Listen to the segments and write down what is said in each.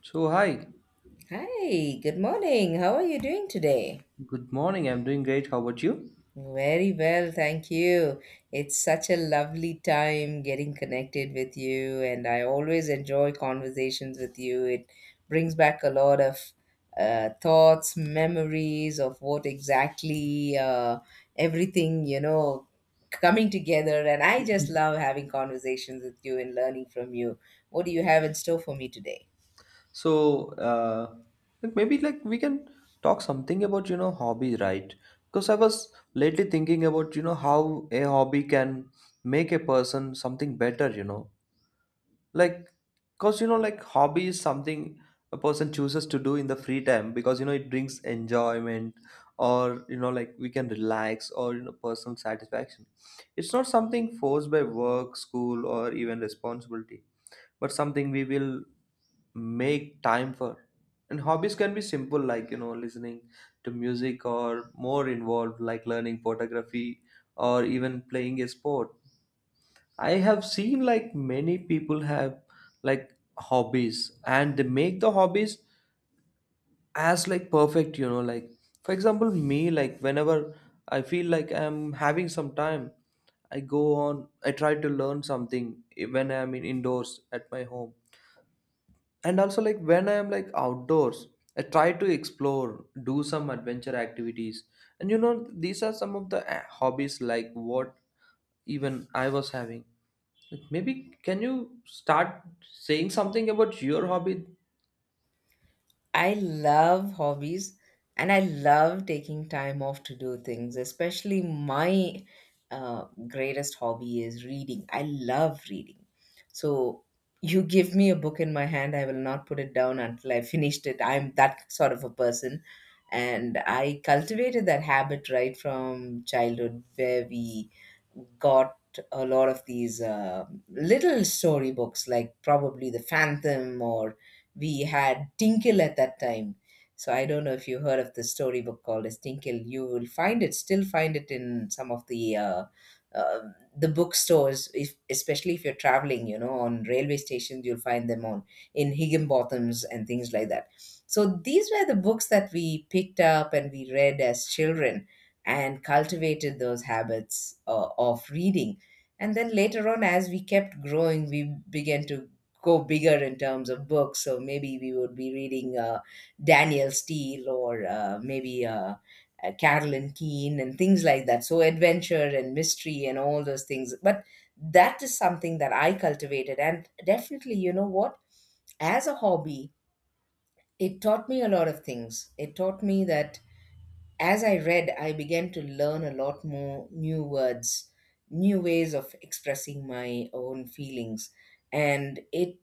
So hi, Hi, good morning. How are you doing today? good morning. I'm doing great. How about you? Very well, thank you. It's such a lovely time getting connected with you, and I always enjoy conversations with you. It brings back a lot of thoughts, memories of what exactly everything, coming together. And I just love having conversations with you and learning from you. What do you have in store for me today? So maybe we can talk something about hobby, right? Because I was lately thinking about how a hobby can make a person something better. You know, like because like hobby is something a person chooses to do in the free time because it brings enjoyment or like we can relax or personal satisfaction. It's not something forced by work, school, or even responsibility, but something we will make time for. And hobbies can be simple like listening to music, or more involved like learning photography or even playing a sport. I have seen like many people have like hobbies and they make the hobbies as like perfect, you know, like for example, me, like whenever I feel like I'm having some time, I go on, I try to learn something when I'm in indoors at my home. And also like when I am like outdoors, I try to explore, do some adventure activities. And you know, these are some of the hobbies like what even I was having. Like, maybe can you start saying something about your hobby? I love hobbies and I love taking time off to do things, especially my greatest hobby is reading. I love reading. So you give me a book in my hand, I will not put it down until I finished it. I'm that sort of a person. And I cultivated that habit right from childhood where we got a lot of these little storybooks like probably The Phantom, or we had Tinkle at that time. So I don't know if you heard of the storybook called as Tinkle. You will find it, still find it in some of the bookstores, if, especially if you're traveling. You know, on railway stations, you'll find them on in Higginbotham's and things like that. So these were the books that we picked up and we read as children and cultivated those habits of reading. And then later on, as we kept growing, we began to go bigger in terms of books. So maybe we would be reading Daniel Steele, or maybe Carolyn Keene and things like that. So adventure and mystery and all those things. But that is something that I cultivated. And definitely, you know what? As a hobby, it taught me a lot of things. It taught me that as I read, I began to learn a lot more new words, new ways of expressing my own feelings. And it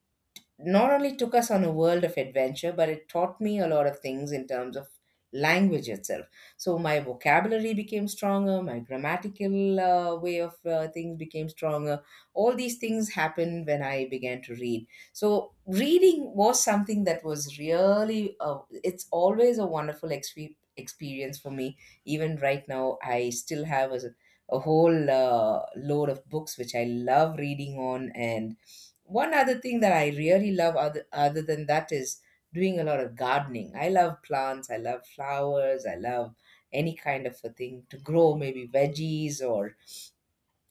not only took us on a world of adventure, but it taught me a lot of things in terms of language itself. So my vocabulary became stronger, my grammatical way of things became stronger. All these things happened when I began to read. So reading was something that was really, it's always a wonderful experience for me. Even right now, I still have a whole load of books which I love reading on. And one other thing that I really love other than that is doing a lot of gardening. I love plants, I love flowers, I love any kind of a thing to grow, maybe veggies, or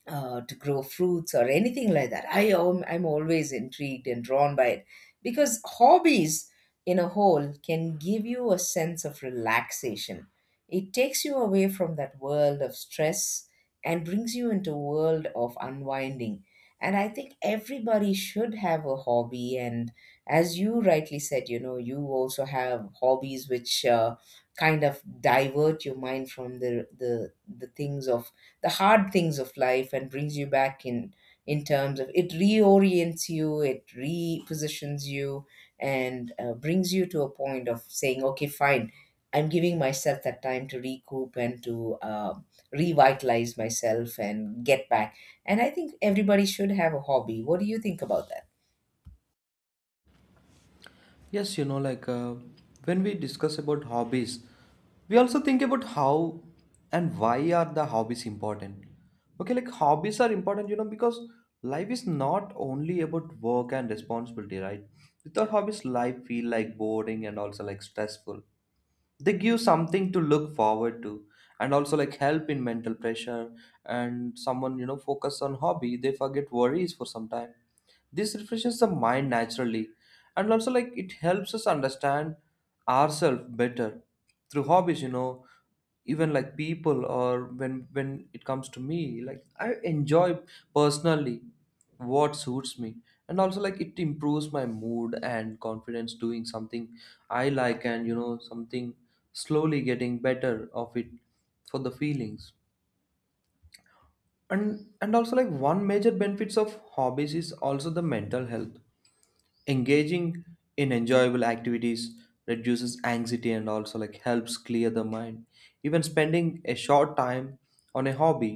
to grow fruits or anything like that. I'm always intrigued and drawn by it because hobbies in a whole can give you a sense of relaxation. It takes you away from that world of stress and brings you into a world of unwinding. And I think everybody should have a hobby. And as you rightly said, you know, you also have hobbies which kind of divert your mind from the things of the hard things of life, and brings you back in terms of It reorients you, it repositions you, and brings you to a point of saying, okay, fine, I'm giving myself that time to recoup and to revitalize myself and get back. And I think everybody should have a hobby. What do you think about that? Yes, when we discuss about hobbies, we also think about how and why are the hobbies important. Okay, like hobbies are important, you know, because life is not only about work and responsibility, right? Without hobbies, life feel like boring and also like stressful. They give something to look forward to, and also like help in mental pressure. And someone focus on hobby, they forget worries for some time. This refreshes the mind naturally, and also like it helps us understand ourselves better through hobbies. You know, even like people, or when it comes to me like I enjoy personally what suits me. And also like it improves my mood and confidence doing something I like, and you know something slowly getting better of it for the feelings. And also like one major benefits of hobbies is also the mental health. Engaging in enjoyable activities reduces anxiety, and also like helps clear the mind. Even spending a short time on a hobby,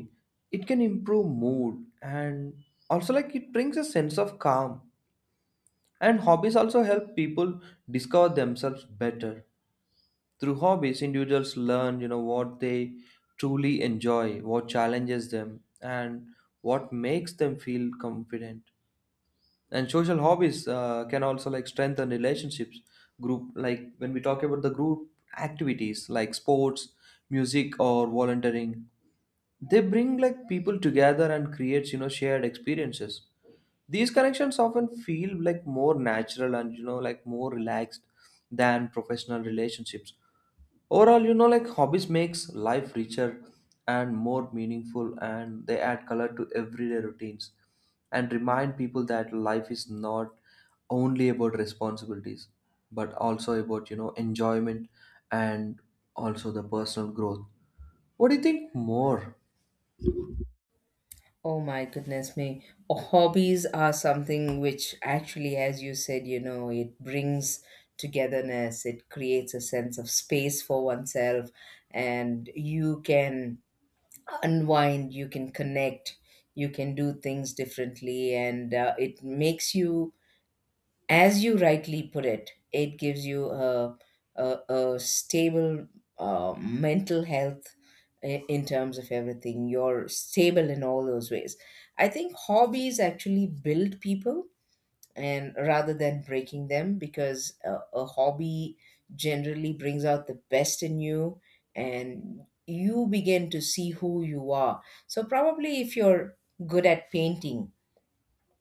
it can improve mood, and also like it brings a sense of calm. And hobbies also help people discover themselves better. Through hobbies, individuals learn what they truly enjoy, what challenges them, and what makes them feel confident. And social hobbies can also like strengthen relationships. Group, like when we talk about the group activities like sports, music, or volunteering, they bring like people together and creates shared experiences. These connections often feel like more natural and like more relaxed than professional relationships. Overall, like hobbies makes life richer and more meaningful, and they add color to everyday routines and remind people that life is not only about responsibilities, but also about enjoyment and also the personal growth. What do you think more? Oh my goodness me. Oh, hobbies are something which actually, as you said, you know, it brings togetherness, it creates a sense of space for oneself, and you can unwind, you can connect, you can do things differently, and it makes you, as you rightly put it, it gives you a, a stable mental health in terms of everything. You're stable in all those ways. I think hobbies actually build people, and rather than breaking them, because a hobby generally brings out the best in you, and you begin to see who you are. So probably if you're good at painting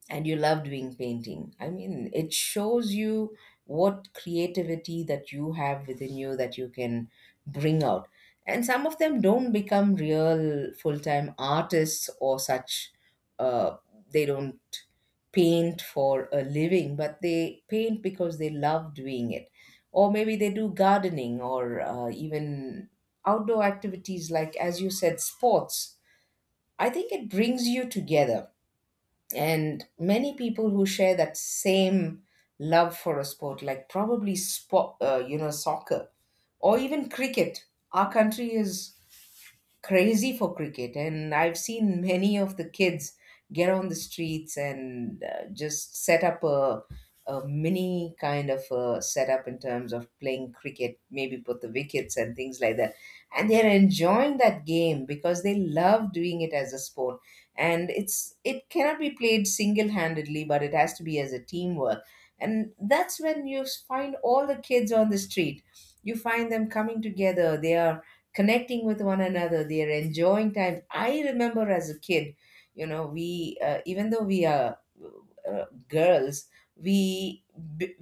and you love doing painting. I mean, it shows you what creativity that you have within you that you can bring out. And some of them don't become real full time artists or such. Uh, they don't paint for a living, but they paint because they love doing it. Or maybe they do gardening, or even outdoor activities like, as you said, sports. I think it brings you together, and many people who share that same love for a sport, like probably sport, you know, soccer or even cricket. Our country is crazy for cricket, and I've seen many of the kids get on the streets and just set up a mini kind of a setup in terms of playing cricket, maybe put the wickets and things like that, and they're enjoying that game because they love doing it as a sport. And it cannot be played single-handedly, but it has to be as a teamwork. And that's when you find all the kids on the street, you find them coming together, they are connecting with one another, they are enjoying time. I remember as a kid, you know, we even though we are girls, we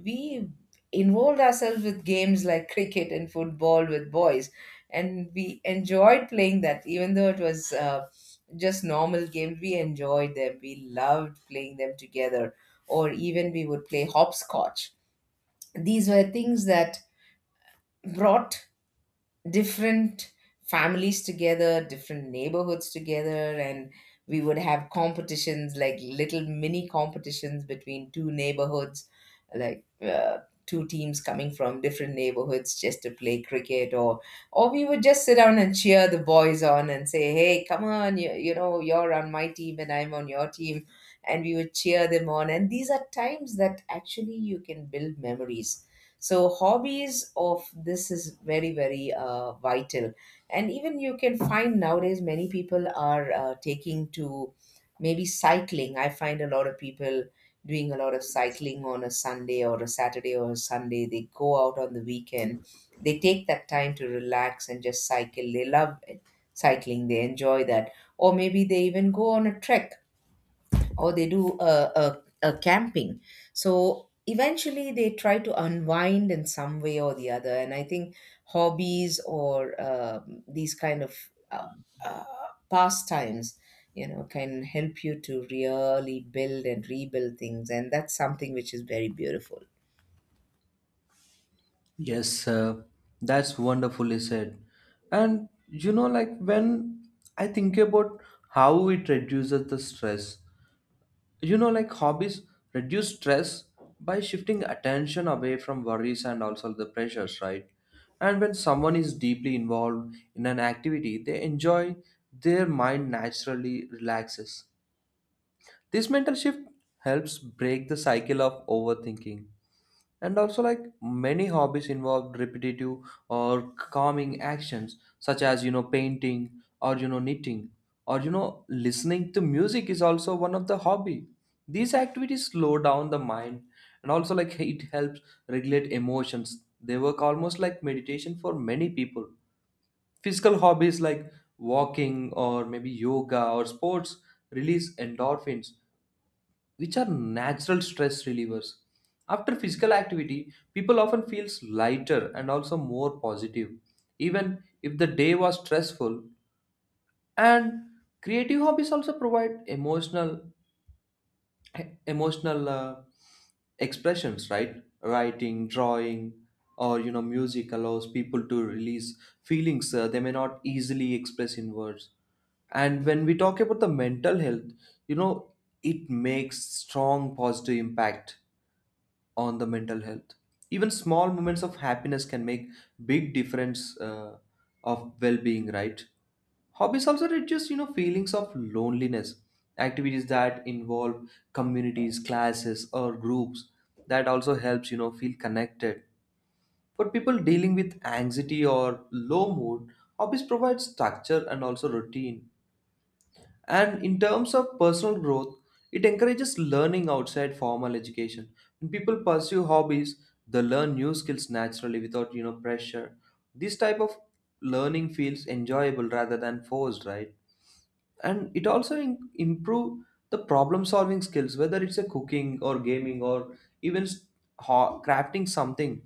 we involved ourselves with games like cricket and football with boys, and we enjoyed playing that. Even though it was just normal games, we enjoyed them, we loved playing them together. Or even we would play hopscotch. These were things that brought different families together, different neighborhoods together. And we would have competitions, like little mini competitions between two neighborhoods, like two teams coming from different neighborhoods just to play cricket, or we would just sit down and cheer the boys on and say, "Hey, come on, you know you're on my team and I'm on your team." And we would cheer them on. And these are times that actually you can build memories. So hobbies of this is very very vital. And even you can find nowadays many people are taking to maybe cycling. I find a lot of people doing a lot of cycling on a Sunday or a Saturday, or a Sunday they go out on the weekend, they take that time to relax and just cycle. They love cycling, they enjoy that. Or maybe they even go on a trek, or they do a camping. So eventually they try to unwind in some way or the other. And I think hobbies or these kind of uh, uh, pastimes, you know, can help you to really build and rebuild things. And that's something which is very beautiful. Yes, that's wonderfully said. And you know like when I think about how it reduces the stress, you know like hobbies reduce stress by shifting attention away from worries and also the pressures, right? And when someone is deeply involved in an activity they enjoy, their mind naturally relaxes. This mental shift helps break the cycle of overthinking. And also, like many hobbies involve repetitive or calming actions, such as, painting or, knitting, or, listening to music is also one of the hobby. These activities slow down the mind and also like it helps regulate emotions. They work almost like meditation for many people. Physical hobbies like walking or maybe yoga or sports release endorphins, which are natural stress relievers. After physical activity, people often feels lighter and also more positive, even if the day was stressful. And creative hobbies also provide emotional expressions, right? Writing, drawing, or you know, music allows people to release feelings they may not easily express in words. And when we talk about the mental health, you know, it makes strong positive impact on the mental health. Even small moments of happiness can make big difference of well-being, right? Hobbies also reduce, you know, feelings of loneliness. Activities that involve communities, classes, or groups that also helps, you know, feel connected. For people dealing with anxiety or low mood, hobbies provide structure and also routine. And in terms of personal growth, it encourages learning outside formal education. When people pursue hobbies, they learn new skills naturally without pressure. This type of learning feels enjoyable rather than forced, right? And it also improve the problem solving skills, whether it's a cooking or gaming or even crafting something.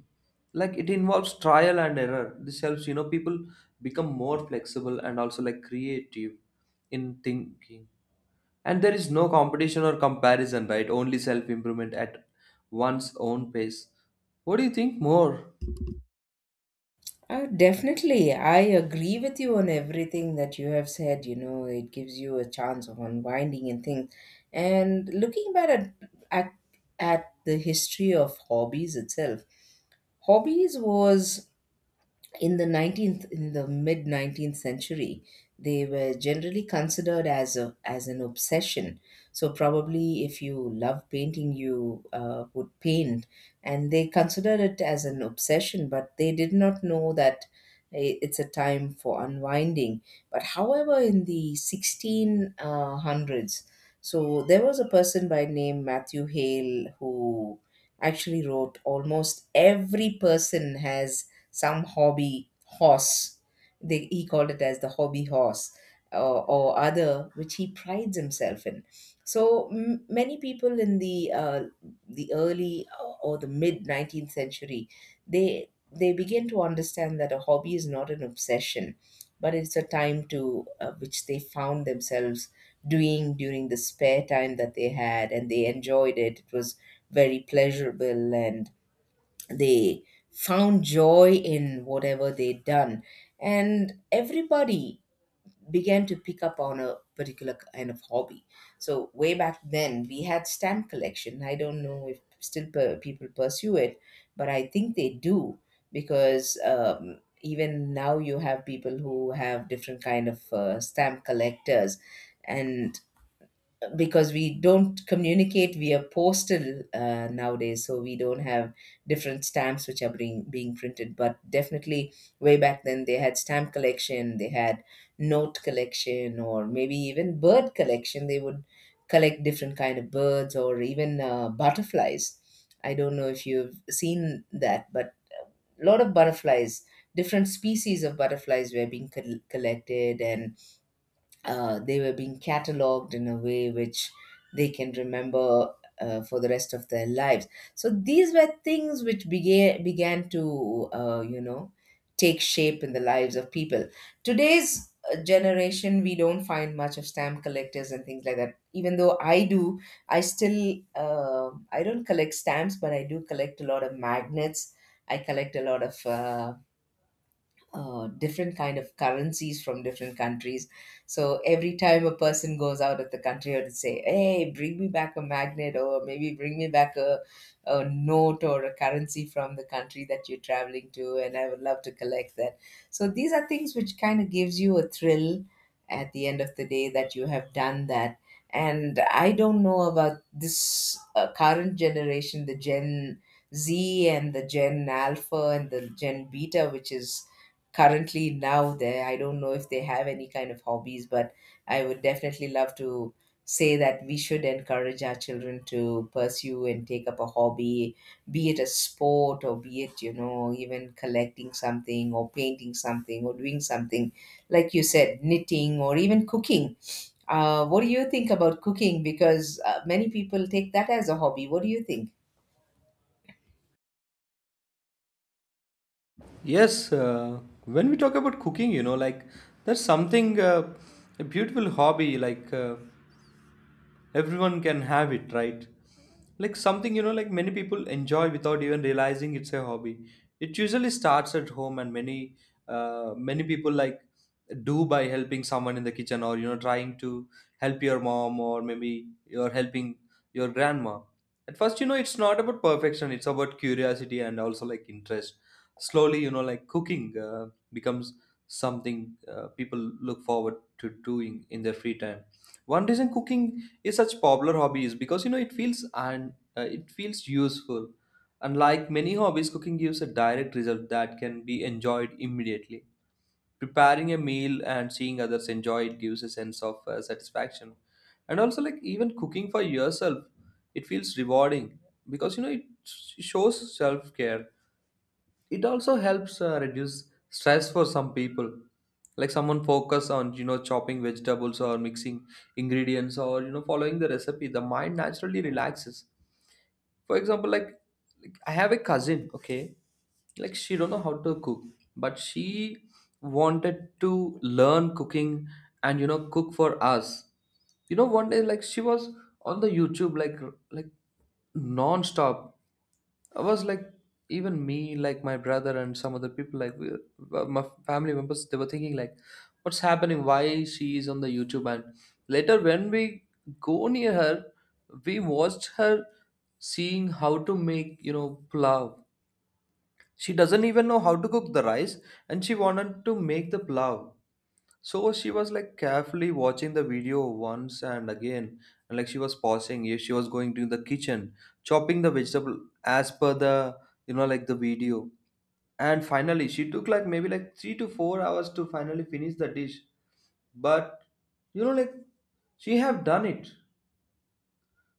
Like it involves trial and error. This helps people become more flexible and also like creative in thinking. And there is no competition or comparison, right? Only self improvement at one's own pace. What do you think more? Definitely. I agree with you on everything that you have said. You know, it gives you a chance of unwinding and things. And looking back at, at the history of hobbies itself, hobbies was in the 19th in the mid 19th century, they were generally considered as a as an obsession. So probably if you love painting, you would paint, and they considered it as an obsession, but they did not know that it's a time for unwinding. But however, in the 1600s, so there was a person by name Matthew Hale, who actually wrote almost every person has some hobby horse. He called it as the hobby horse or other, which he prides himself in. So many people in the early or the mid 19th century, they begin to understand that a hobby is not an obsession, but it's a time to which they found themselves doing during the spare time that they had, and they enjoyed it. It was very pleasurable, and they found joy in whatever they'd done. And everybody began to pick up on a particular kind of hobby. So way back then, we had stamp collection. I don't know if still people pursue it, but I think they do. Because even now you have people who have different kind of stamp collectors. And because we don't communicate via postal nowadays, so we don't have different stamps which are being printed. But definitely way back then, they had stamp collection, they had note collection, or maybe even bird collection. They would collect different kind of birds, or even butterflies. I don't know if you've seen that, but a lot of butterflies, different species of butterflies were being collected, and they were being cataloged in a way which they can remember for the rest of their lives. So these were things which began to you know, take shape in the lives of people. Today's generation, we don't find much of stamp collectors and things like that. Even though I do, I still I don't collect stamps, but I do collect a lot of magnets. I collect a lot of different kind of currencies from different countries. So every time a person goes out of the country, I would say, "Hey, bring me back a magnet, or maybe bring me back a note or a currency from the country that you're traveling to," and I would love to collect that. So these are things which kind of gives you a thrill at the end of the day that you have done that. And I don't know about this current generation, the Gen Z and the Gen Alpha and the Gen Beta, which is currently now there. I don't know if they have any kind of hobbies, but I would definitely love to say that we should encourage our children to pursue and take up a hobby, be it a sport or be it, you know, even collecting something or painting something or doing something like you said, knitting or even cooking. What do you think about cooking? Because many people take that as a hobby. What do you think? Yes, when we talk about cooking, you know like there's something a beautiful hobby like everyone can have it, right? Like something you know like many people enjoy without even realizing it's a hobby. It usually starts at home and many people like do by helping someone in the kitchen or you know trying to help your mom, or maybe you're helping your grandma. At first, you know it's not about perfection, it's about curiosity and also like interest. Slowly, you know like cooking becomes something people look forward to doing in their free time. One reason cooking is such popular hobbies because you know it feels and it feels useful. Unlike many hobbies, cooking gives a direct result that can be enjoyed immediately. Preparing a meal and seeing others enjoy it gives a sense of satisfaction. And also like even cooking for yourself, it feels rewarding because you know it shows self care. It also helps reduce stress for some people. Like someone focus on you know chopping vegetables or mixing ingredients or you know following the recipe, the mind naturally relaxes. For example like I have a cousin, okay, like she don't know how to cook, but she wanted to learn cooking and you know cook for us. You know, one day like she was on the YouTube, like non-stop. I was like, even me like my brother and some other people like we, my family members, they were thinking like what's happening, why she is on the YouTube. And later when we go near her, we watched her seeing how to make you know plow. She doesn't even know how to cook the rice, and she wanted to make the plow. So she was like carefully watching the video once and again, and like she was pausing if she was going to the kitchen, chopping the vegetable as per the you know like the video. And finally she took like maybe like 3 to 4 hours to finally finish the dish. But you know like she have done it.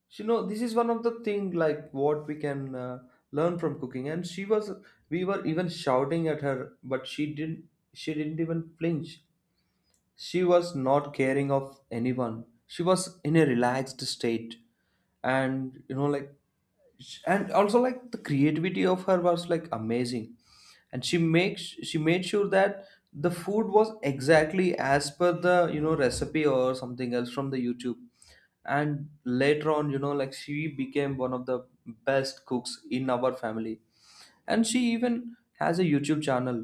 So, you know, this is one of the thing like what we can learn from cooking. And she was we were even shouting at her, but she didn't even flinch. She was not caring of anyone, she was in a relaxed state. And you know like and also like the creativity of her was like amazing. And she made sure that the food was exactly as per the you know recipe or something else from the YouTube. And later on, you know like she became one of the best cooks in our family. And she even has a YouTube channel,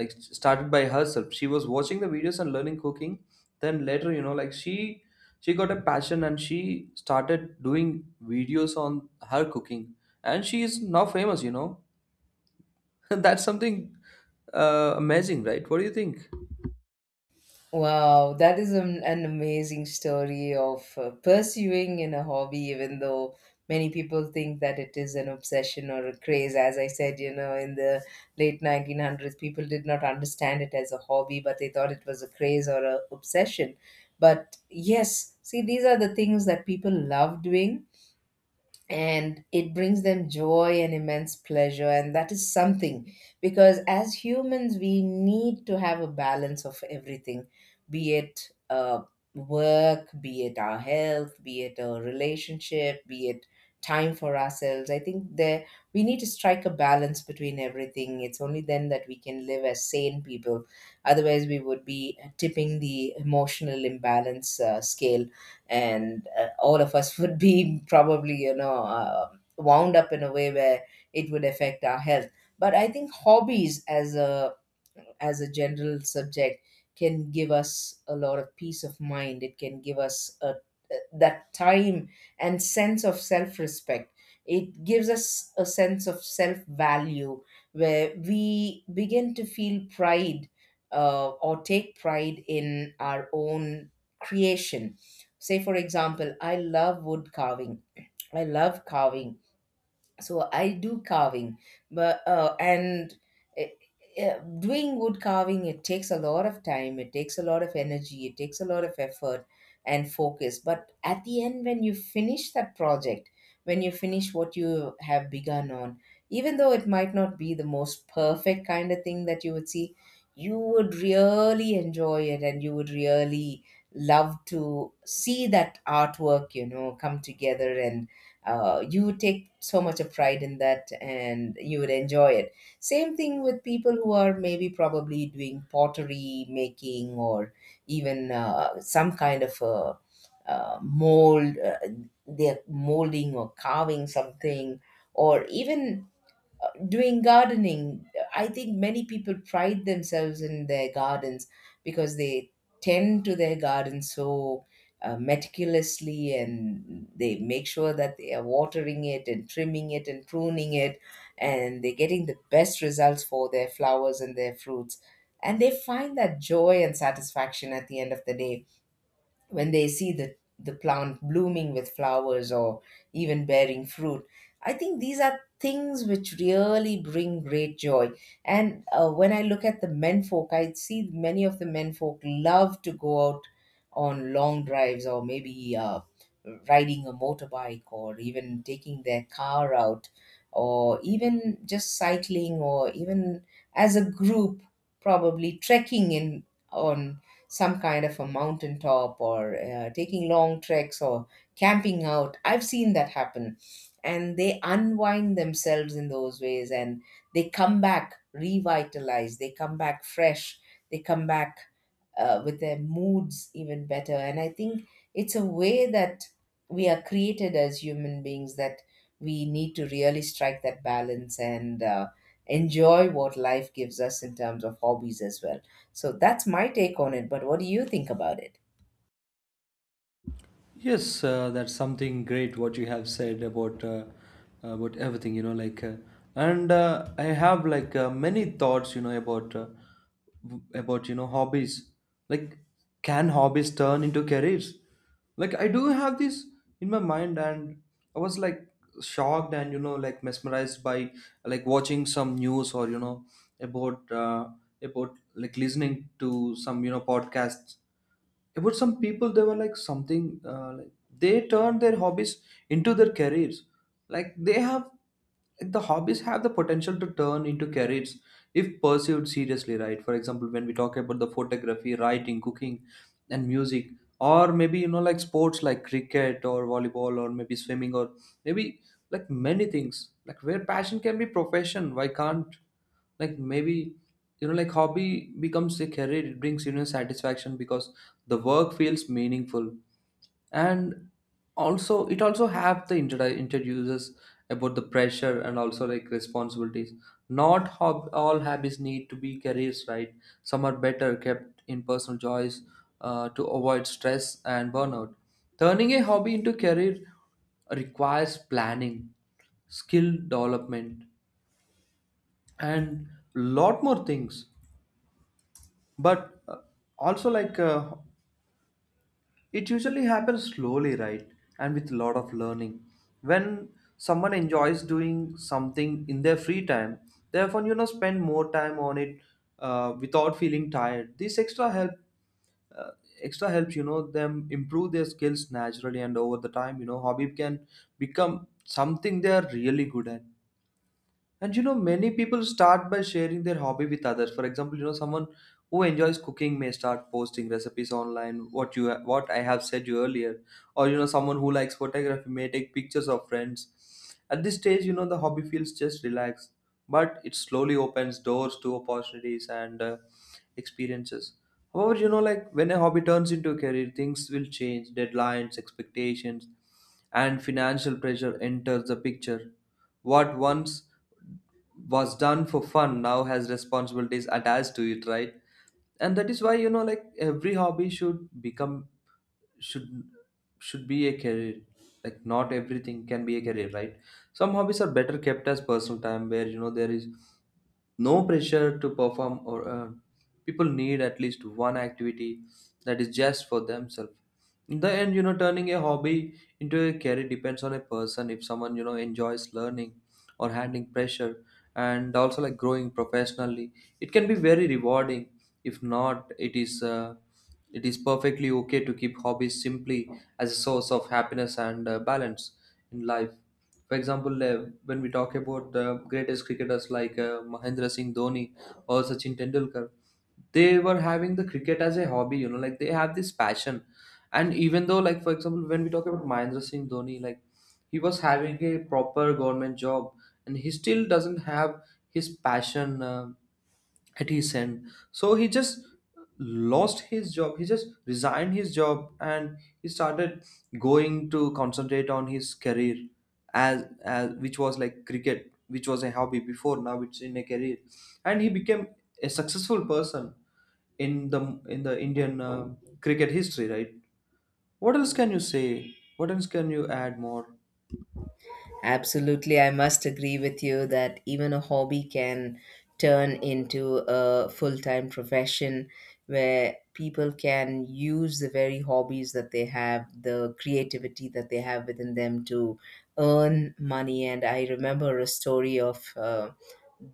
like started by herself. She was watching the videos and learning cooking, then later you know like she got a passion and she started doing videos on her cooking. And she is now famous, you know. That's something amazing, right? What do you think? Wow, that is an amazing story of pursuing in a hobby, even though many people think that it is an obsession or a craze. As I said, you know, in the late 1900s, people did not understand it as a hobby, but they thought it was a craze or a obsession. But yes, see, these are the things that people love doing, and it brings them joy and immense pleasure, and that is something, because as humans we need to have a balance of everything, be it work, be it our health, be it a relationship, be it time for ourselves. I think there we need to strike a balance between everything. It's only then that we can live as sane people. Otherwise we would be tipping the emotional imbalance scale, and all of us would be probably, you know, wound up in a way where it would affect our health. But I think hobbies as a general subject can give us a lot of peace of mind. It can give us that time and sense of self respect. It gives us a sense of self value, where we begin to feel pride, or take pride in our own creation. Say for example, I love wood carving. I love carving, so I do carving. But eh, doing wood carving, it takes a lot of time, it takes a lot of energy, it takes a lot of effort and focus. But at the end, when you finish that project, when you finish what you have begun on, even though it might not be the most perfect kind of thing that you would see, you would really enjoy it, and you would really love to see that artwork, you know, come together, and you would take so much of pride in that, and you would enjoy it. Same thing with people who are maybe probably doing pottery making or even some kind of a mold, they're molding or carving something, or even doing gardening. I think many people pride themselves in their gardens, because they tend to their gardens so meticulously, and they make sure that they are watering it and trimming it and pruning it, and they're getting the best results for their flowers and their fruits, and they find that joy and satisfaction at the end of the day, when they see the plant blooming with flowers or even bearing fruit. I think these are things which really bring great joy. And when I look at the men folk, I see many of the men folk love to go out on long drives or maybe riding a motorbike or even taking their car out or even just cycling or even as a group probably trekking in on some kind of a mountaintop or taking long treks or camping out. I've seen that happen. And they unwind themselves in those ways, and they come back revitalized, they come back fresh, they come back with their moods even better. And I think it's a way that we are created as human beings, that we need to really strike that balance, and enjoy what life gives us in terms of hobbies as well. So that's my take on it. But what do you think about it? Yes, that's something great what you have said about everything, you know, like and I have like many thoughts, you know, about about you know hobbies. Like, can hobbies turn into careers? Like, I do have this in my mind, and I was like shocked and like mesmerized by like watching some news or about uh, about like listening to some podcasts about some people they were like something like they turn their hobbies into their careers like they have like, the hobbies have the potential to turn into careers if pursued seriously, right? For example, when we talk about the photography, writing, cooking and music, or maybe like sports like cricket or volleyball or maybe swimming, or maybe like many things like where passion can be profession. Why can't like maybe like hobby becomes a career, it brings satisfaction because the work feels meaningful. And also it also have the introduces about the pressure and also like responsibilities. Not hob- all hobbies need to be careers, right? Some are better kept in personal choice, to avoid stress and burnout. Turning a hobby into career requires planning, skill development and lot more things. But also like it usually happens slowly, right? And with a lot of learning, when someone enjoys doing something in their free time, they often spend more time on it, without feeling tired. This extra help, uh, extra helps them improve their skills naturally, and over the time, hobby can become something they are really good at. And many people start by sharing their hobby with others. For example, someone who enjoys cooking may start posting recipes online. What you what I have said you earlier, or someone who likes photography may take pictures of friends. At this stage, the hobby feels just relaxed, but it slowly opens doors to opportunities and experiences. However, like when a hobby turns into a career, things will change. Deadlines, expectations, and financial pressure enters the picture. What once was done for fun now has responsibilities attached to it, and that is why like every hobby should become should should be a career. Like not everything can be a career, right? Some hobbies are better kept as personal time where there is no pressure to perform or earn. People need at least one activity that is just for themselves. In the end, turning a hobby into a career depends on a person. If someone, enjoys learning or handling pressure and also like growing professionally, it can be very rewarding. If not, it is perfectly okay to keep hobbies simply as a source of happiness and balance in life. For example, when we talk about the greatest cricketers like Mahendra Singh Dhoni or Sachin Tendulkar, they were having the cricket as a hobby. You know, like they have this passion. And even though, like for example, when we talk about Mahendra Singh Dhoni, like he was having a proper government job, and he still doesn't have his passion. At his end. So he just lost his job. He just resigned his job and he started going to concentrate on his career as which was like cricket, which was a hobby before. Now it's in a career, and he became a successful person in the Indian cricket history. Right? What else can you say? What else can you add more? Absolutely, I must agree with you that even a hobby can turn into a full time profession, where people can use the very hobbies that they have, the creativity that they have within them, to earn money. And I remember a story of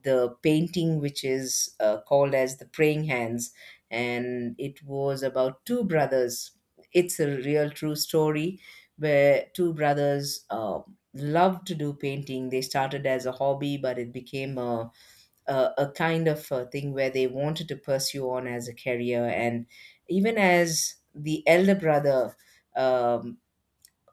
the painting, which is called as the Praying Hands, and it was about two brothers. It's a real true story where two brothers love to do painting. They started as a hobby, but it became a kind of a thing where they wanted to pursue on as a career. And even as the elder brother um,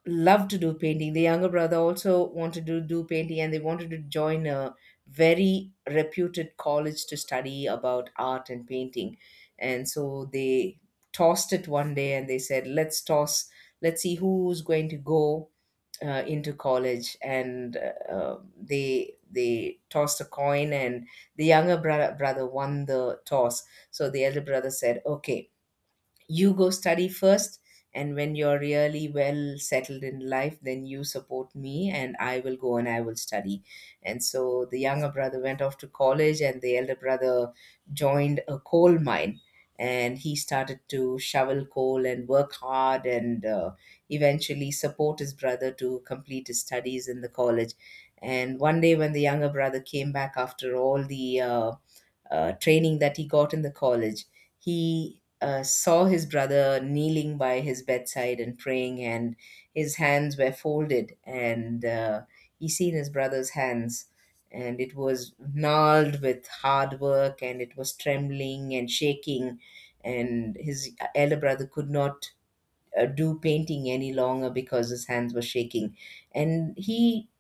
loved to do painting, the younger brother also wanted to do painting, and they wanted to join a very reputed college to study about art and painting. And so they tossed it one day, and they said, let's toss, let's see who's going to go into college, and they tossed a coin, and the younger brother won the toss. So the elder brother said, okay, you go study first, and when you're really well settled in life, then you support me, and I will go and I will study. And so the younger brother went off to college, and the elder brother joined a coal mine, and he started to shovel coal and work hard, and eventually support his brother to complete his studies in the college. And one day, when the younger brother came back after all the training that he got in the college, he saw his brother kneeling by his bedside and praying, and his hands were folded, and he seen his brother's hands, and it was gnarled with hard work, and it was trembling and shaking, and his elder brother could not do painting any longer because his hands were shaking, and he,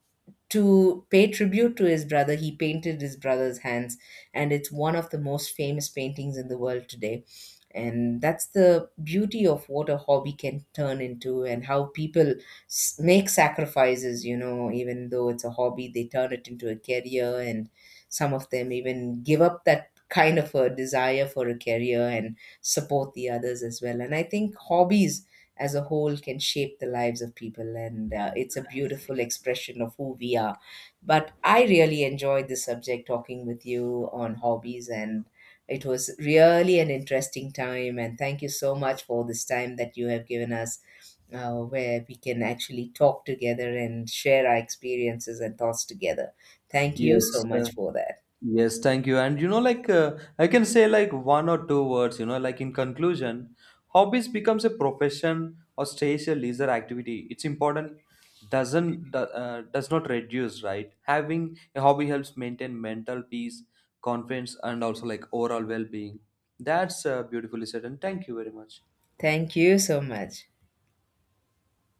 to pay tribute to his brother, he painted his brother's hands, and it's one of the most famous paintings in the world today. And that's the beauty of what a hobby can turn into, and how people make sacrifices. You know, even though it's a hobby, they turn it into a career, and some of them even give up that kind of a desire for a career and support the others as well. And I think hobbies as a whole can shape the lives of people, and it's a beautiful expression of who we are. But I really enjoyed this subject talking with you on hobbies, and it was really an interesting time, and thank you so much for this time that you have given us, where we can actually talk together and share our experiences and thoughts together. Thank you Yes, so uh, much for that. Yes, thank you. And you know, like I can say like one or two words, you know, like in conclusion, hobbies becomes a profession or stays a leisure activity. It's important does not reduce, right? Having a hobby helps maintain mental peace, confidence, and also like overall well-being. That's beautifully said, and thank you very much. Thank you so much.